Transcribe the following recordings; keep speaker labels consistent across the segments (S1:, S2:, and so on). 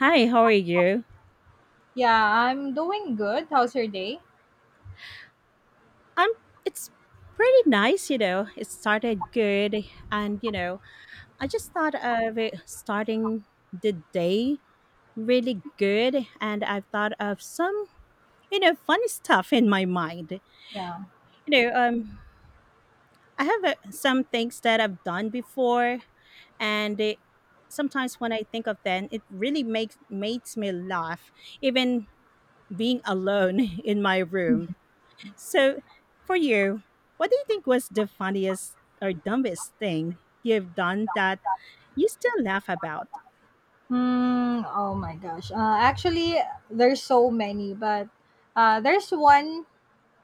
S1: Hi, how are you?
S2: Yeah, I'm doing good. How's your day?
S1: I'm. It's pretty nice, you know. It started good, and I just thought of it starting the day really good, and I've thought of some, funny stuff in my mind.
S2: Yeah.
S1: You know, um, I have some things that I've done before, and it, sometimes when I think of them, it really makes me laugh, even being alone in my room. So, for you, what do you think was the funniest or dumbest thing you've done that you still laugh about?
S2: Hmm. Oh my gosh. Actually, there's so many, but there's one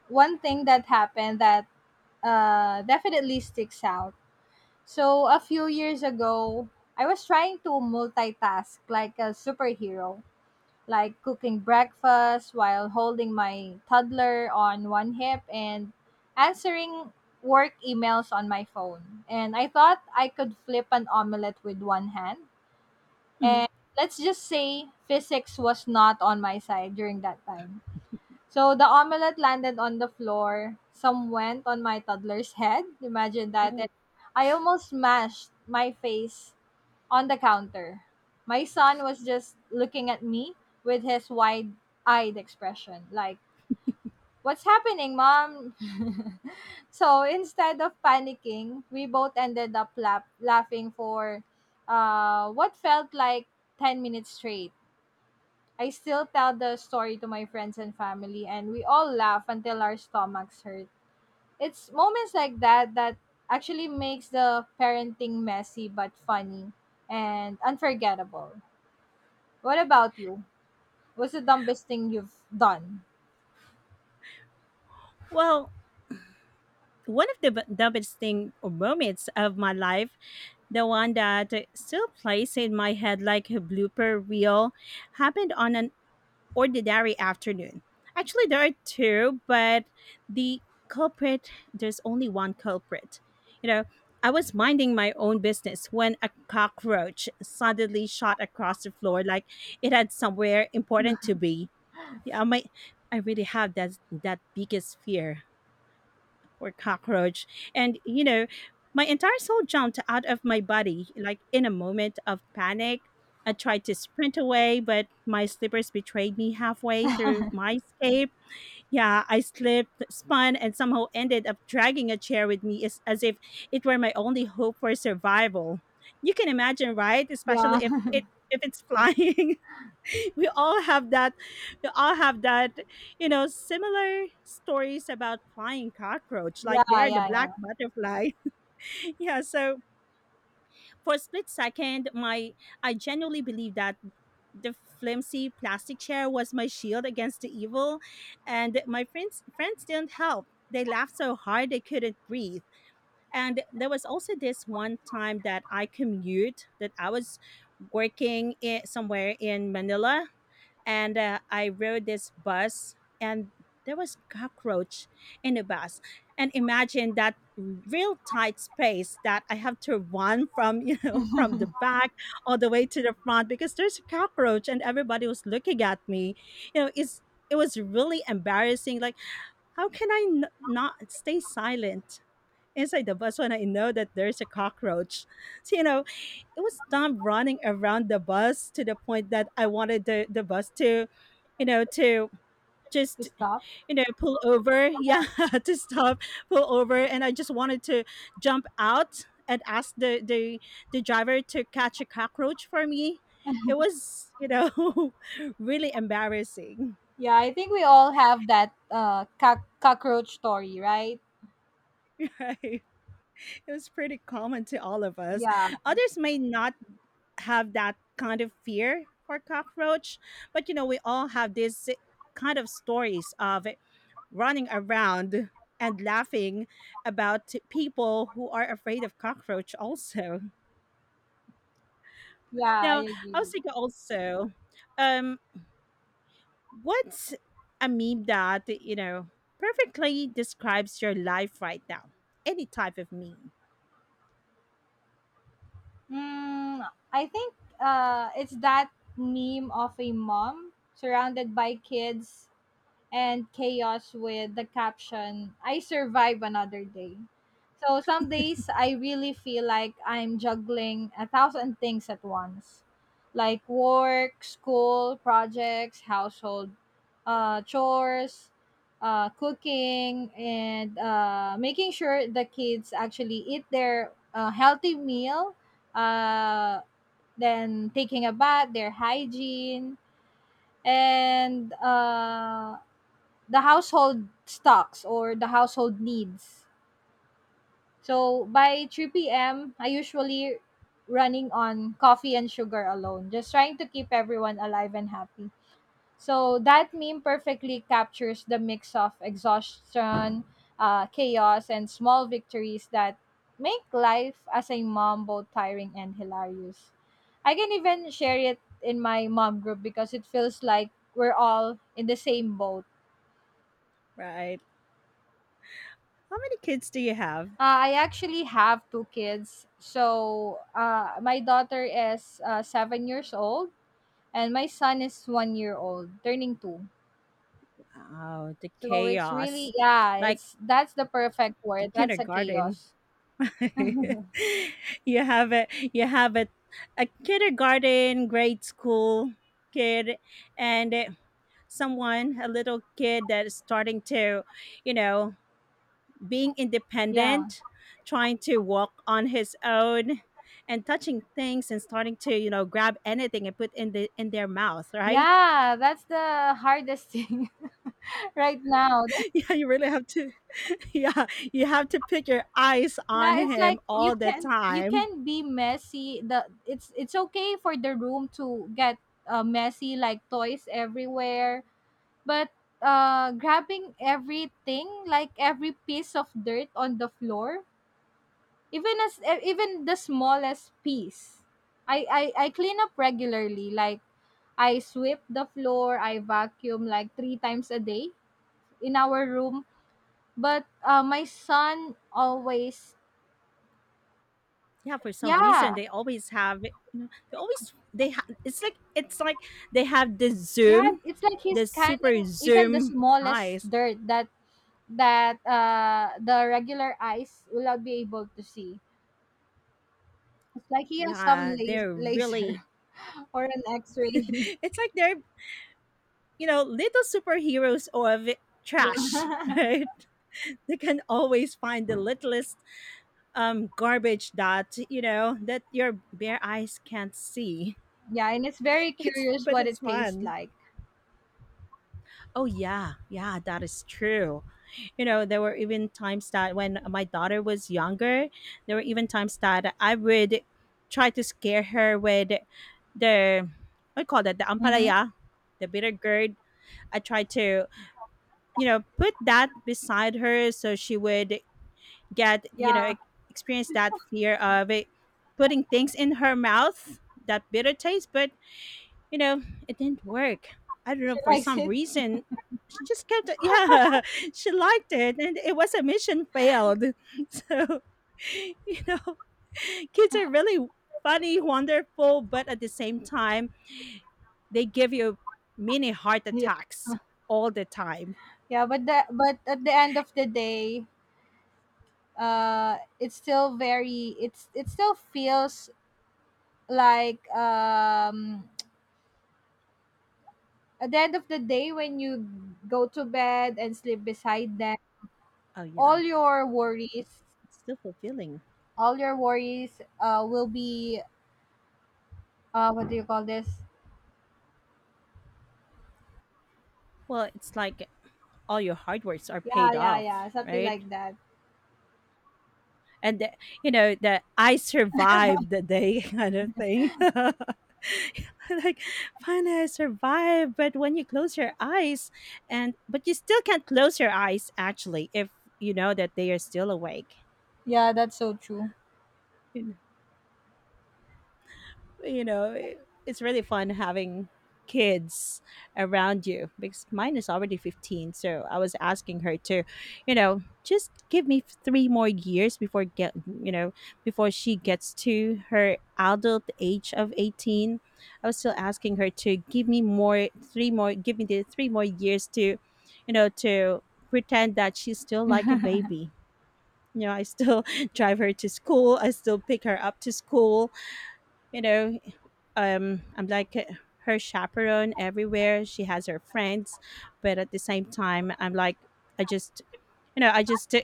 S2: one thing that happened that definitely sticks out. So a few years ago, I was trying to multitask like a superhero, like cooking breakfast while holding my toddler on one hip and answering work emails on my phone. And I thought I could flip an omelette with one hand.
S1: Mhm.
S2: And let's just say physics was not on my side during that time. So the omelette landed on the floor. Some went on my toddler's head. Imagine that. And I almost smashed my face on the counter. My son was just looking at me with his wide eyed expression, like, "What's happening, mom?" So instead of panicking, we both ended up laughing for what felt like 10 minutes straight. I still tell the story to my friends and family, and we all laugh until our stomachs hurt. It's moments like that that actually makes the parenting messy but funny and unforgettable. What about you? What's the dumbest thing you've done?
S1: Well, one of the dumbest thing or moments of my life, the one that still plays in my head like a blooper reel, happened on an ordinary afternoon. Actually, there are two, but the culprit, there's only one culprit. You know, I was minding my own business when a cockroach suddenly shot across the floor like it had somewhere important to be. Yeah, I really have that biggest fear or cockroach. And, you know, my entire soul jumped out of my body, like in a moment of panic. I tried to sprint away, but my slippers betrayed me halfway through my escape. Yeah, I slipped, spun, and somehow ended up dragging a chair with me as if it were my only hope for survival. You can imagine, right?
S2: Yeah.
S1: Especially if it's flying. we all have that we all have that, you know, similar stories about flying cockroach,
S2: Yeah,
S1: like they're the black
S2: yeah,
S1: butterfly. Yeah, so for a split second my I genuinely believe that the flimsy plastic chair was my shield against the evil, and my friends didn't help. They laughed so hard they couldn't breathe. And there was also this one time that I commute that I was working in somewhere in Manila, and I rode this bus, and there was cockroach in the bus. And imagine that real tight space that I have to run from, you know, from the
S2: yeah.
S1: back all the way to the front because there's a cockroach and everybody was looking at me. You know, it was really embarrassing. Like, how can I not stay silent inside the bus when I know that there's a cockroach? So, you know, it was Dom running around the bus to the point that I wanted the bus to, you know, to
S2: To
S1: just,
S2: stop.
S1: you know, pull over. Yeah, to stop, pull over. And I just wanted to jump out and ask the the driver to catch a cockroach for me. It was, you know, really embarrassing.
S2: Yeah, I think we all have that cockroach story, right?
S1: Right, it was pretty common to all of us.
S2: Yeah,
S1: Others may not have that kind of fear for cockroach, but you know, we all have this kind of stories of running around and laughing about people who are afraid of cockroach also.
S2: yeah,
S1: Now
S2: I
S1: I
S2: agree
S1: was thinking also, um what's a meme that, you know, perfectly describes your life right now? Any type of meme?
S2: Mm, I think it's that meme of a mom surrounded by kids and chaos with the caption, "I survive another day." So some days I really feel like I'm juggling a thousand things at once, like work, school, projects, household chores, cooking, and making sure the kids actually eat their healthy meal, uh, then taking a bath, their hygiene, and the household stocks or the household needs. So by 3 p.m., I usually running on coffee and sugar alone, just trying to keep everyone alive and happy. So that meme perfectly captures the mix of exhaustion, chaos, and small victories that make life as a mom both tiring and hilarious. I can even share it in my mom group because it feels like we're all in the same boat.
S1: Right. How many kids do you have?
S2: I actually have two kids. So my daughter is 7 years old, and my son is 1 year old, turning 2.
S1: Oh, the
S2: So it's
S1: chaos.
S2: really, yeah,
S1: Like
S2: it's that's the perfect
S1: the
S2: word. That's a
S1: kindergarten.
S2: chaos.
S1: you have a, you have a kindergarten, grade school kid, and someone, a little kid that is starting to, you know, being
S2: Yeah,
S1: independent, trying to walk on his own and touching things and starting to, you know, grab anything and put in the in their mouth, right?
S2: yeah, that's the hardest thing right now.
S1: Yeah, you really have to yeah, you have to put your eyes on
S2: Yeah, it's
S1: him
S2: like
S1: all the
S2: you
S1: time.
S2: can be messy. The It's okay for the room to get messy, like toys everywhere. But grabbing everything, like every piece of dirt on the floor, even even the smallest piece, I clean up regularly. Like I sweep the floor, I vacuum like three times a day in our room. But my son always,
S1: Yeah, for some reason
S2: yeah,
S1: they always have, you know, they always they it's like they have the
S2: yeah,
S1: zoom,
S2: it's like he's
S1: the super
S2: scanning even the
S1: zoom
S2: smallest
S1: eyes.
S2: dirt that the regular eyes will not be able to see. It's like he has some
S1: Yeah, they're really
S2: laser or an X-ray.
S1: it's like they're, you know, little superheroes of trash,
S2: Yeah.
S1: right? They can always find the littlest garbage that, you know, that your bare eyes can't see.
S2: Yeah, and it's very curious what
S1: It's
S2: it tastes
S1: fun.
S2: like.
S1: Oh yeah, yeah, that is true. You know, there were even times that when my daughter was younger, there were even times that I would try to scare her with the, what do you call that, the
S2: Mm-hmm.
S1: ampalaya, the bitter gourd. I tried to, you know, put that beside her so she would get, you
S2: Yeah,
S1: know, experience that fear of it, putting things in her mouth, that bitter taste. But you know, it didn't work. I don't
S2: she
S1: know, for
S2: likes
S1: some
S2: it.
S1: reason she just kept yeah, she liked it, and it was a mission failed. So you know, kids are really funny, wonderful, but at the same time, they give you mini heart
S2: Yeah,
S1: attacks all the time.
S2: yeah, but the but at the end of the day, it's still very it still feels like at the end of the day when you go to bed and sleep beside them,
S1: Oh
S2: all
S1: yeah,
S2: your worries,
S1: it's still fulfilling.
S2: will be what do you call this?
S1: Well, it's like all your hard works are
S2: Yeah,
S1: paid
S2: yeah,
S1: off,
S2: yeah, something
S1: right?
S2: like that.
S1: And the, you know that I survived the day kind of thing. Like, finally I survived. But when you close your eyes, and but you still can't close your eyes actually if you know that they are still awake.
S2: Yeah, that's so true.
S1: You know, it, it's really fun having kids around you because mine is already 15, so I was asking her to, you know, just give me three more years before get, you know, before she gets to her adult age of 18. I was still asking her to give me more three more give me the three more years to, you know, to pretend that she's still like a baby. You know, I still drive her to school. I still pick her up to school, you know. I'm like her chaperone everywhere. She has her friends, but at the same time, I'm like, I just you know, I just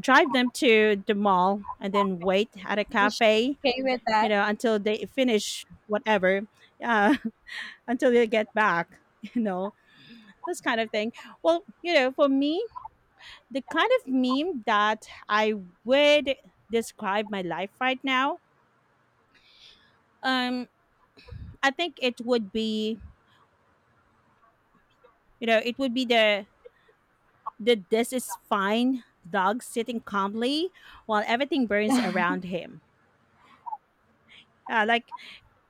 S1: drive them to the mall and then wait at a
S2: Just
S1: cafe,
S2: okay with
S1: you
S2: that.
S1: know, until they finish whatever, uh, until they get back, you know, this kind of thing. Well, you know, for me, the kind of meme that I would describe my life right now, um, I think it would be, you know, it would be the, that this is fine dog sitting calmly while everything burns around him. Like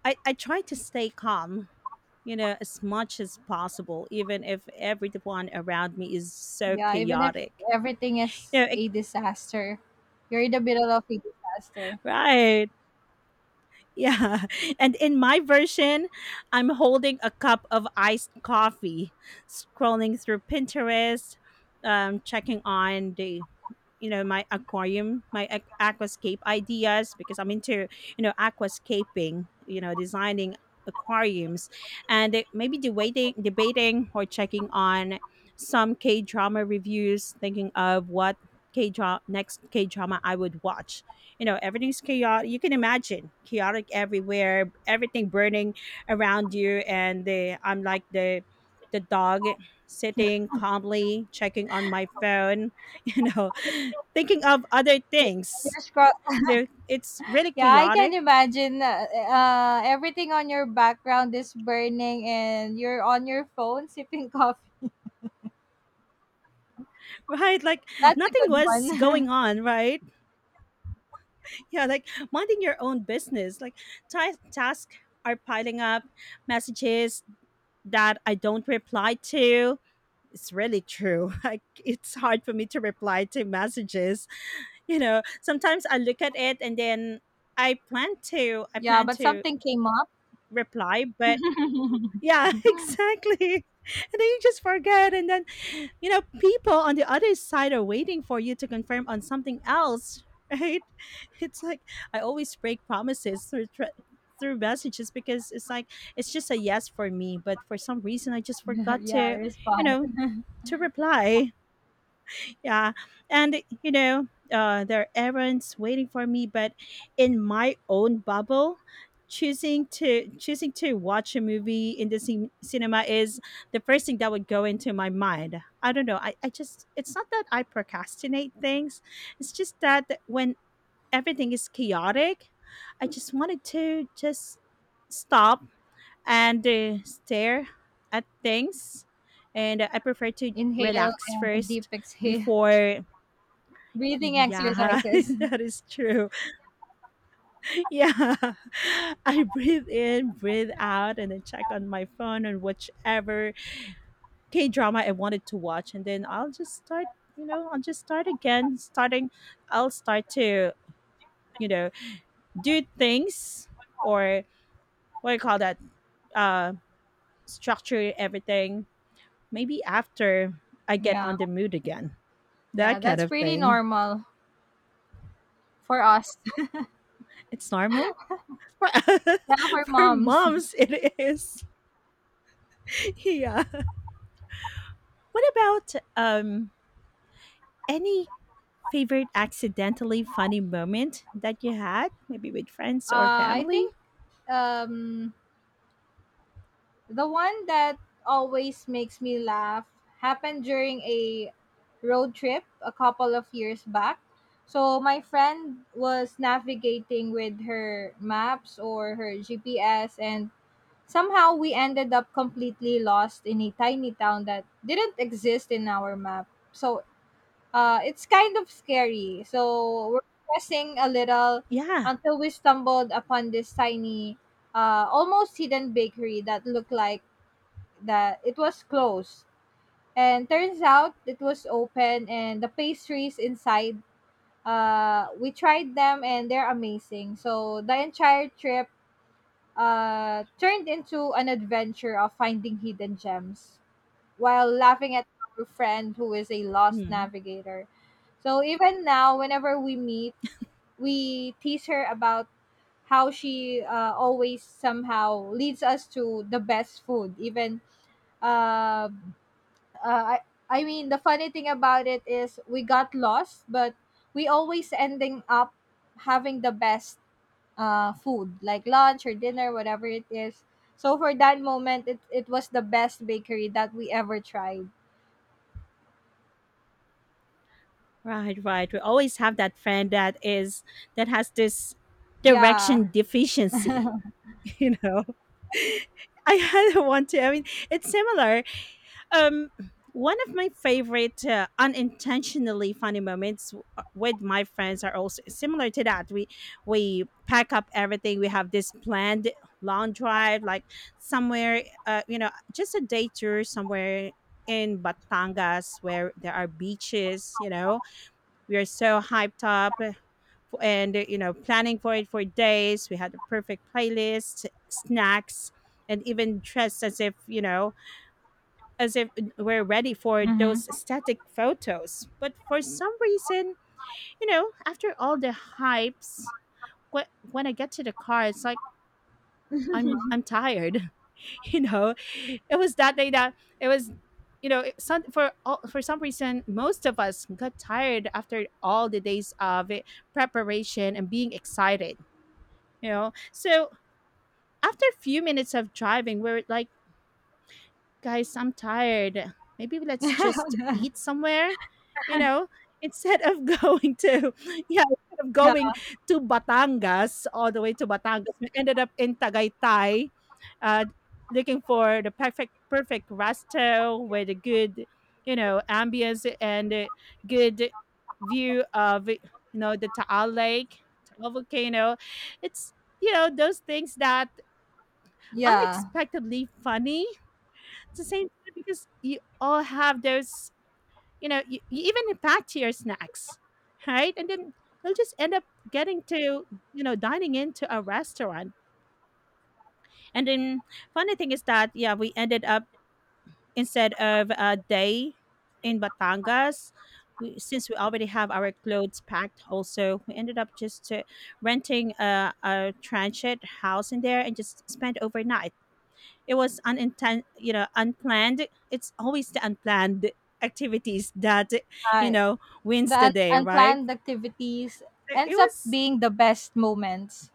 S1: I try to stay calm, you know, as much as possible, even if everyone around me is so
S2: Yeah, even if
S1: chaotic.
S2: everything
S1: You
S2: is
S1: know, it,
S2: a disaster, you're in the middle of a disaster.
S1: right. Yeah. And in my version, I'm holding a cup of iced coffee, scrolling through Pinterest, checking on the, you know, my aquarium, my aquascape ideas, because I'm into, you know, aquascaping, you know, designing aquariums. And maybe debating or checking on some K drama reviews, thinking of what k drama next K drama I would watch. You know, everything's chaotic. You can imagine chaotic everywhere, everything burning around you, and the I'm like the dog sitting calmly, checking on my phone, you know, thinking of other
S2: Yeah.
S1: things.
S2: Just cro-
S1: You It's really
S2: yeah, I can
S1: chaotic.
S2: imagine everything on your background is burning and you're on your phone sipping coffee.
S1: Right? Like
S2: That's
S1: nothing
S2: a good
S1: was going
S2: one.
S1: on, right? Yeah, like minding your own business. Like tasks are piling up, messages that I don't reply to. It's really true. Like it's hard for me to reply to messages. You know, sometimes I look at it and then I
S2: Yeah,
S1: plan
S2: but
S1: to
S2: something came up.
S1: reply, but yeah, exactly. And then you just forget, and then, you know, people on the other side are waiting for you to confirm on something else, right? It's like I always break promises through tr through messages, because it's like it's just a yes for me, but for some reason I just forgot
S2: Yeah,
S1: to, you
S2: respond.
S1: know, to reply. Yeah. And, you know, there are errands waiting for me, but in my own bubble, choosing to watch a movie in the cinema is the first thing that would go into my mind. I don't know, I just, it's not that I procrastinate things. It's just that when everything is chaotic, I just wanted to just stop and stare at things, and I prefer to
S2: Inhale
S1: relax
S2: and a deep
S1: first
S2: exhale.
S1: before.
S2: Breathing
S1: Yeah,
S2: exercises.
S1: that is true. Yeah. I breathe in, breathe out, and then check on my phone and whichever K drama I wanted to watch. And then I'll just start, you know, I'll just start again. Starting, I'll start to, you know, do things, or what do you call that? Uh, structure everything. Maybe after I get
S2: Yeah.
S1: on the mood again.
S2: Yeah,
S1: That kind
S2: that's
S1: of
S2: pretty
S1: thing.
S2: normal for us.
S1: It's normal. For,
S2: Yeah, for
S1: for
S2: moms.
S1: moms, it is. Yeah. What about any favorite accidentally funny moment that you had, maybe with friends or
S2: I
S1: family?
S2: think um, the one that always makes me laugh happened during a road trip a couple of years back. So my friend was navigating with her maps or her GPS, and somehow we ended up completely lost in a tiny town that didn't exist in our map. So it's kind of scary. So we're pressing a little
S1: Yeah.
S2: until we stumbled upon this tiny, almost hidden bakery that looked like that it was closed. And turns out it was open, and the pastries inside, we tried them and they're amazing. So the entire trip turned into an adventure of finding hidden gems, while laughing at our friend who is a lost
S1: Mm.
S2: navigator. So even now, whenever we meet, we tease her about how she always somehow leads us to the best food. Uh, uh, I, I mean, the funny thing about it is we got lost, but we always ending up having the best food, like lunch or dinner, whatever it is. So for that moment, it was the best bakery that we ever tried.
S1: Right, right. We always have that friend that is that has this
S2: Yeah.
S1: direction deficiency, you know. I had one too. I mean, it's similar. Um, one of my favorite unintentionally funny moments with my friends are also similar to that. We pack up everything. We have this planned long drive like somewhere, just a day tour somewhere in Batangas where there are beaches. We are so hyped up and planning for it for days. We had the perfect playlist, snacks, and even dressed as if we're ready for those static photos. But for some reason, after all the hypes, when I get to the car, it's like, I'm tired. You know, it was that day that it was, for some reason, most of us got tired after all the days of it, preparation and being excited. So after a few minutes of driving, we're like, guys, I'm tired. Maybe let's just eat somewhere, you know, instead of yeah, instead of
S2: Yeah,
S1: going to Batangas, all the way to Batangas, we ended up in Tagaytay, uh, looking for the perfect, perfect resto with a good ambience and a good view of the Taal Lake, Taal volcano. It's those things that
S2: yeah.
S1: unexpectedly funny it's the same thing because you all have those. You even pack to your snacks, right? And then you'll just end up getting to, dining into a restaurant. And then funny thing is that, yeah, we ended up instead of a day in Batangas. We, since we already have our clothes packed also, we ended up just renting a transient house in there and just spent overnight. It was unplanned. It's always the unplanned activities that
S2: I,
S1: wins
S2: the
S1: the
S2: un-
S1: day, right?
S2: unplanned activities
S1: it
S2: ends up
S1: was
S2: being the best moments.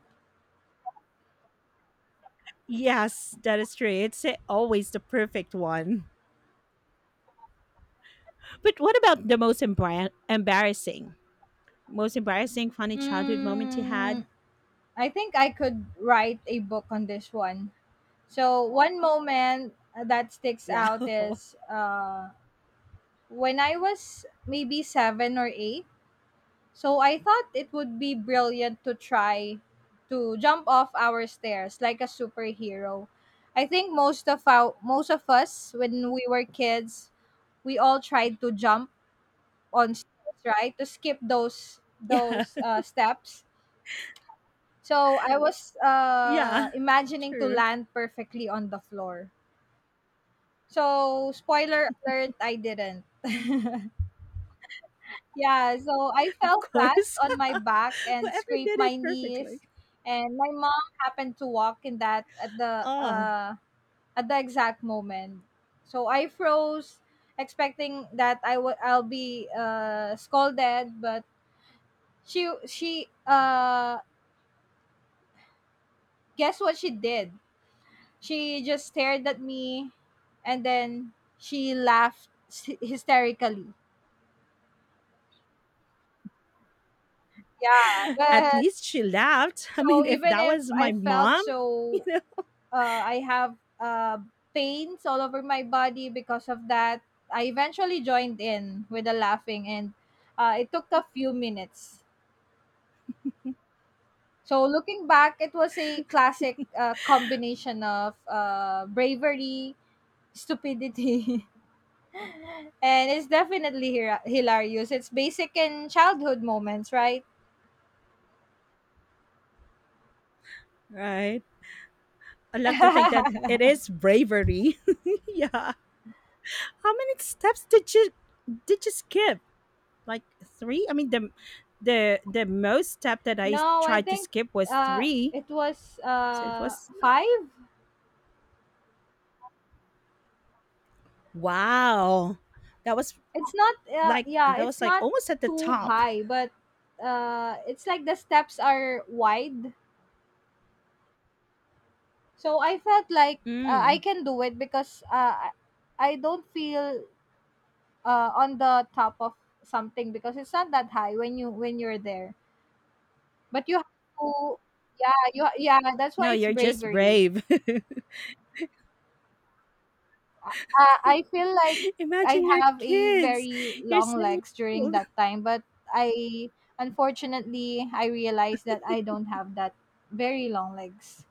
S1: yes that is true. It's always the perfect one. But what about the most embarrassing funny childhood moment you had?
S2: Mm, I think I could write a book on this one. So one moment that sticks out
S1: Wow.
S2: is when I was maybe 7 or 8. So I thought it would be brilliant to try to jump off our stairs like a superhero. I think most of us when we were kids, we all tried to jump on stairs, right? To skip those
S1: Yeah,
S2: those steps. So I was
S1: yeah,
S2: imagining to
S1: true,
S2: land perfectly on the floor. So spoiler alert, I didn't. Yeah, so I
S1: of
S2: fell flat
S1: course.
S2: on my back and
S1: Whoever
S2: scraped
S1: did it
S2: my
S1: perfectly.
S2: knees, and my mom happened to walk in that
S1: Oh,
S2: at the exact moment. So I froze, expecting that I'll be scolded, but she guess what she did? She just stared at me, and then she laughed hysterically. Yeah,
S1: at
S2: but
S1: least she laughed. I mean,
S2: so
S1: if
S2: even
S1: that
S2: if
S1: was
S2: I
S1: my
S2: felt
S1: mom. you
S2: so,
S1: know
S2: I have pains all over my body because of that. I eventually joined in with the laughing, and it took a few minutes. So looking back, it was a classic combination of bravery, stupidity, and it's definitely hilarious. It's basic in childhood moments, right?
S1: Right. I love to think that it is bravery. Yeah. How many steps did you skip? Like three? I mean the most step that I
S2: No, I
S1: tried to
S2: think
S1: skip was
S2: uh,
S1: three.
S2: it was
S1: So it was
S2: five.
S1: wow. That was
S2: It's not
S1: like
S2: Yeah,
S1: that was
S2: it's
S1: like
S2: not
S1: almost at the
S2: too
S1: top.
S2: high, but it's like the steps are wide. So I felt like I
S1: Mm.
S2: can do it because I don't feel on the top of something because it's not that high when you when you're there. But you have to, yeah, you yeah, that's why
S1: No,
S2: it's
S1: you're just
S2: bravery.
S1: brave.
S2: I feel like I
S1: Imagine your
S2: have a
S1: kids.
S2: very
S1: You're
S2: long
S1: 7 years
S2: legs during
S1: old.
S2: that time, but I unfortunately I realized that I don't have that very long legs.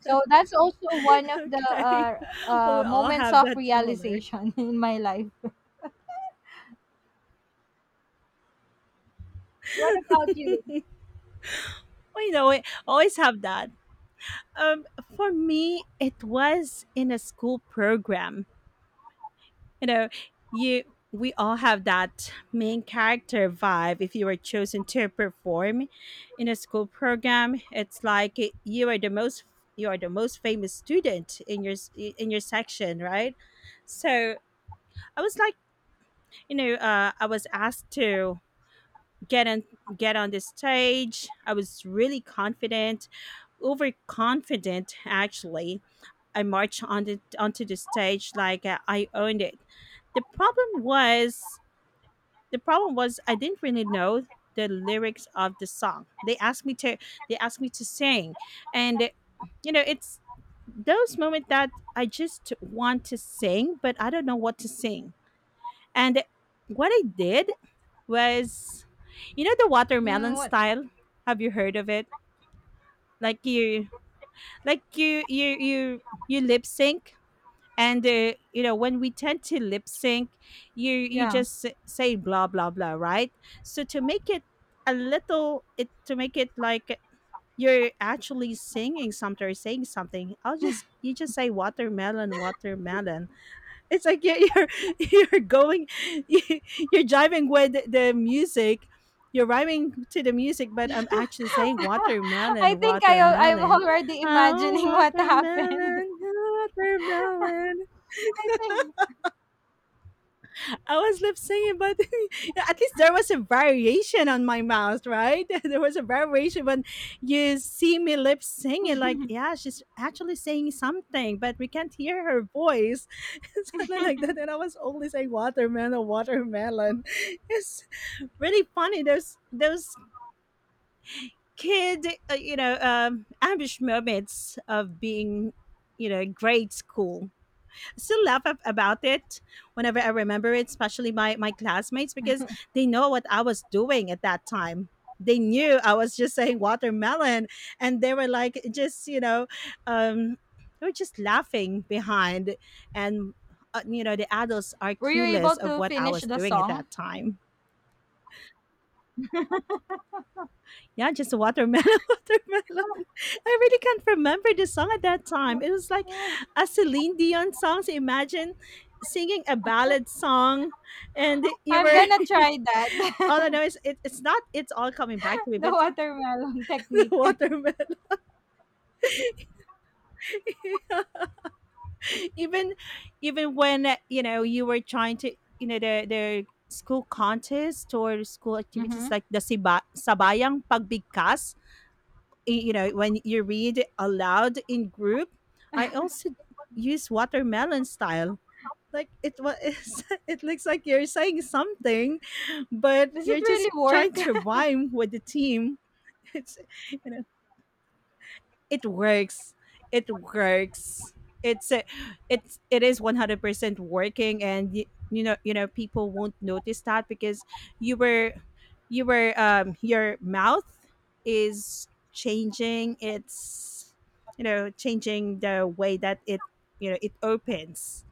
S2: So that's also one of the
S1: Okay. Well, we all
S2: moments
S1: have
S2: of
S1: that similar.
S2: realization in my life. What about you?
S1: Well, we always have that. Um, for me, it was in a school program. You know, you we all have that main character vibe if you were chosen to perform in a school program. It's like you are the most famous student in your section, right? So I was like, I was asked to get on get on the stage. I was really confident, overconfident actually. I marched onto the stage like I owned it. The problem was the problem was I didn't really know the lyrics of the song. They asked me to sing, and it's those moments that I just want to sing, but I don't know what to sing. And what I did was, the watermelon
S2: Mm, what?
S1: style. Have you heard of it? Like you, you lip sync. And when we tend to lip sync, you you
S2: Yeah.
S1: just s- say blah blah blah, right? So to make it like you're actually singing something or saying something. I'll just you just say watermelon, watermelon. It's like you're you're going you're jiving with the music. You're rhyming to the music, but I'm actually saying
S2: I
S1: watermelon,
S2: think I'm
S1: watermelon.
S2: already
S1: Oh,
S2: imagining what happened.
S1: watermelon, watermelon.
S2: I think.
S1: I was lip singing, but at least there was a variation on my mouth, right? There was a variation when you see me lip singing, like, yeah, she's actually saying something, but we can't hear her voice. Something like that. And I was only saying watermelon, watermelon. It's really funny. Those kid ambush moments of being grade school, still laugh about it whenever I remember it, especially my classmates because they know what I was doing at that time. They knew I was just saying watermelon, and they were like, just you know, um, they were just laughing behind, and the adults are
S2: Were you
S1: clueless
S2: able
S1: of
S2: to
S1: what I
S2: finish
S1: was
S2: the
S1: doing at
S2: song?
S1: that time. Yeah, just a watermelon, watermelon. I really can't remember the song at that time. It was like a Celine Dion song. So imagine singing a ballad song, and you
S2: I'm
S1: were
S2: gonna try
S1: all I
S2: that.
S1: know is it's not. It's all coming back to me,
S2: The
S1: but
S2: watermelon
S1: the
S2: technique.
S1: watermelon. even even when you were trying to the school contest or school activities,
S2: Mhm.
S1: like the sabayang pagbigkas, when you read aloud in group, I also use watermelon style. Like it was, it looks like you're saying something, but
S2: Does it
S1: you're just
S2: really
S1: trying
S2: work?
S1: to rhyme with the team. It's you know it works it works. It's a, it's it is 100% working, and people won't notice that because you were you were your mouth is changing. It's changing the way that it you know it opens.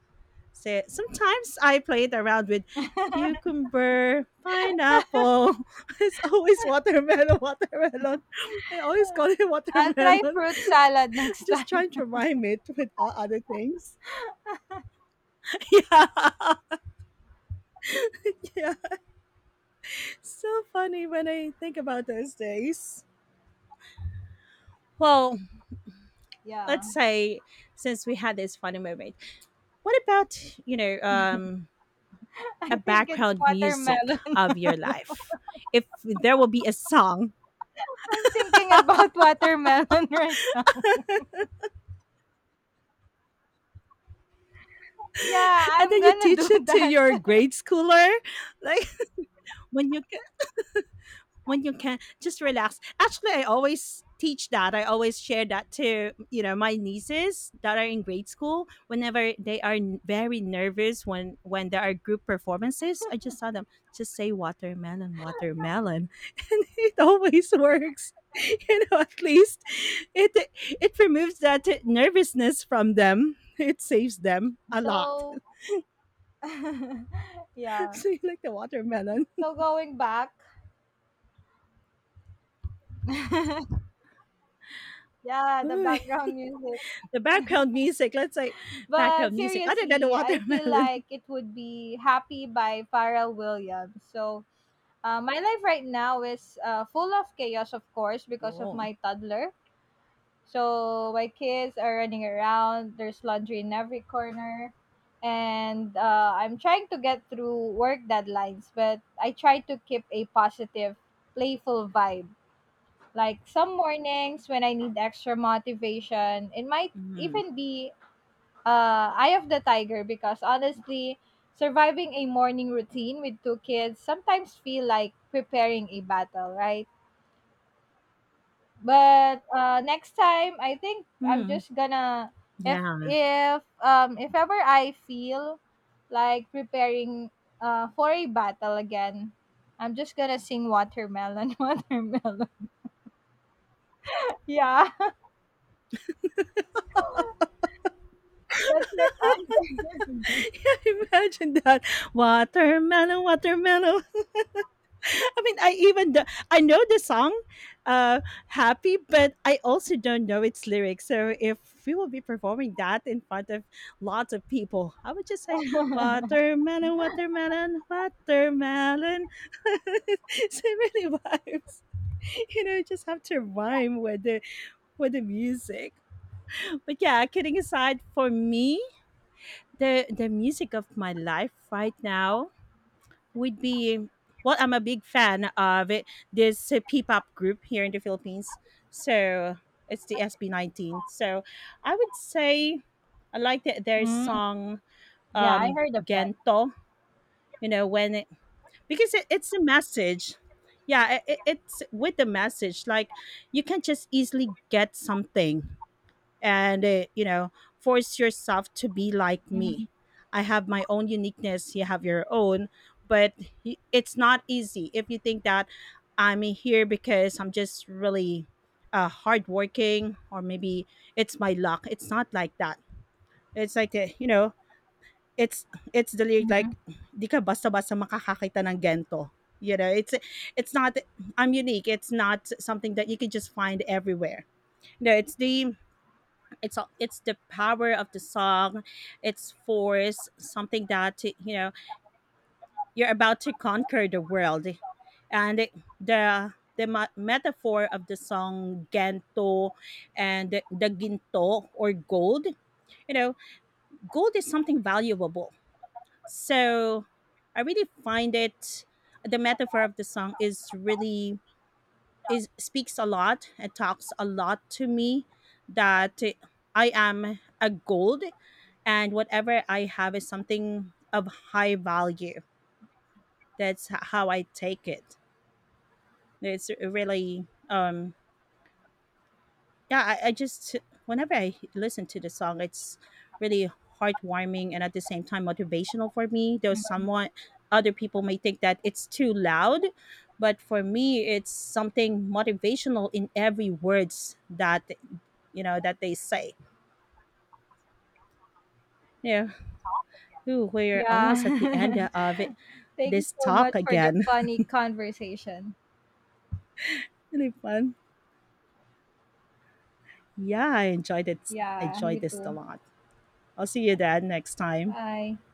S1: So sometimes I played around with cucumber, pineapple. It's always watermelon, watermelon. I always call it
S2: I'll try
S1: watermelon,
S2: fruit salad next
S1: just
S2: time.
S1: trying to rhyme it with all other things. Yeah. Yeah. So funny when I think about those days. Well,
S2: Yeah,
S1: let's say since we had this funny moment, what about, you know, um,
S2: I
S1: a
S2: think it's
S1: background music
S2: watermelon.
S1: of your life? If there will be a song.
S2: I'm thinking about watermelon right now. Yeah,
S1: And
S2: I'm
S1: then you
S2: gonna
S1: teach
S2: do
S1: it to
S2: that.
S1: your grade schooler. Like when you when you can just relax, actually I always share that to my nieces that are in grade school. Whenever they are very nervous when there are group performances, I just tell them, just say watermelon, watermelon. And it always works. At least it it removes that nervousness from them. It saves them a lot.
S2: So, yeah.
S1: So you like the watermelon.
S2: So going back, yeah, the background music.
S1: The background music, let's say background
S2: But
S1: music other than the
S2: seriously, I feel
S1: watermelon.
S2: like it would be Happy by Pharrell Williams. So my life right now is full of chaos, of course, because of
S1: Oh.
S2: my toddler. So my kids are running around. There's laundry in every corner, and I'm trying to get through work deadlines. But I try to keep a positive, playful vibe. Like some mornings when I need extra motivation, it might
S1: Mhm.
S2: even be Eye of the Tiger because honestly, surviving a morning routine with two kids sometimes feel like preparing a battle, right? But next time, I think I'm
S1: Hmm.
S2: just gonna— if
S1: Yeah.
S2: if ever I feel like preparing for a battle again, I'm just gonna sing watermelon, watermelon. Yeah, that's what I'm gonna do.
S1: Yeah, imagine that. Watermelon, watermelon. I mean, I even do, I know the song, uh, "Happy," but I also don't know its lyrics. So if we will be performing that in front of lots of people, I would just say, "Watermelon, watermelon, watermelon." So it really vibes. Just have to rhyme with the music. But yeah, kidding aside, for me, the music of my life right now would be, well, I'm a big fan of it, this P-pop group here in the Philippines. So it's the SB19. So I would say I like that their
S2: Mm,
S1: song,
S2: yeah, I heard of that.
S1: Gento. You know when it, because it's a message. Yeah, it's with the message. Like you can just easily get something, and force yourself to be like
S2: Mhm,
S1: me. I have my own uniqueness, you have your own. But it's not easy. If you think that I'm here because I'm just really hardworking, or maybe it's my luck, it's not like that. It's like it's it's the lyric,
S2: mhm,
S1: like di ka basta-basta makakakita ng gento. You know it's it's not. I'm unique. It's not something that you can just find everywhere. No, it's the power of the song. Its force, something that you're about to conquer the world. And the metaphor of the song gento, and the ginto or gold. You know gold is something valuable. So I really find it, the metaphor of the song is really is speaks a lot. It talks a lot to me that I am a gold, and whatever I have is something of high value. That's how I take it. It's really, yeah, I just, whenever I listen to the song, it's really heartwarming and at the same time motivational for me. Though
S2: mhm.
S1: someone other people may think that it's too loud, but for me, it's something motivational in every words that that they say. Yeah, ooh, we're
S2: Yeah.
S1: almost at the end of it,
S2: Thanks
S1: this
S2: so
S1: talk
S2: much for the
S1: again.
S2: funny conversation.
S1: Really fun. Yeah, I enjoyed it. I
S2: Yeah,
S1: enjoyed
S2: you
S1: this a
S2: too.
S1: lot. I'll see you then next time.
S2: Bye.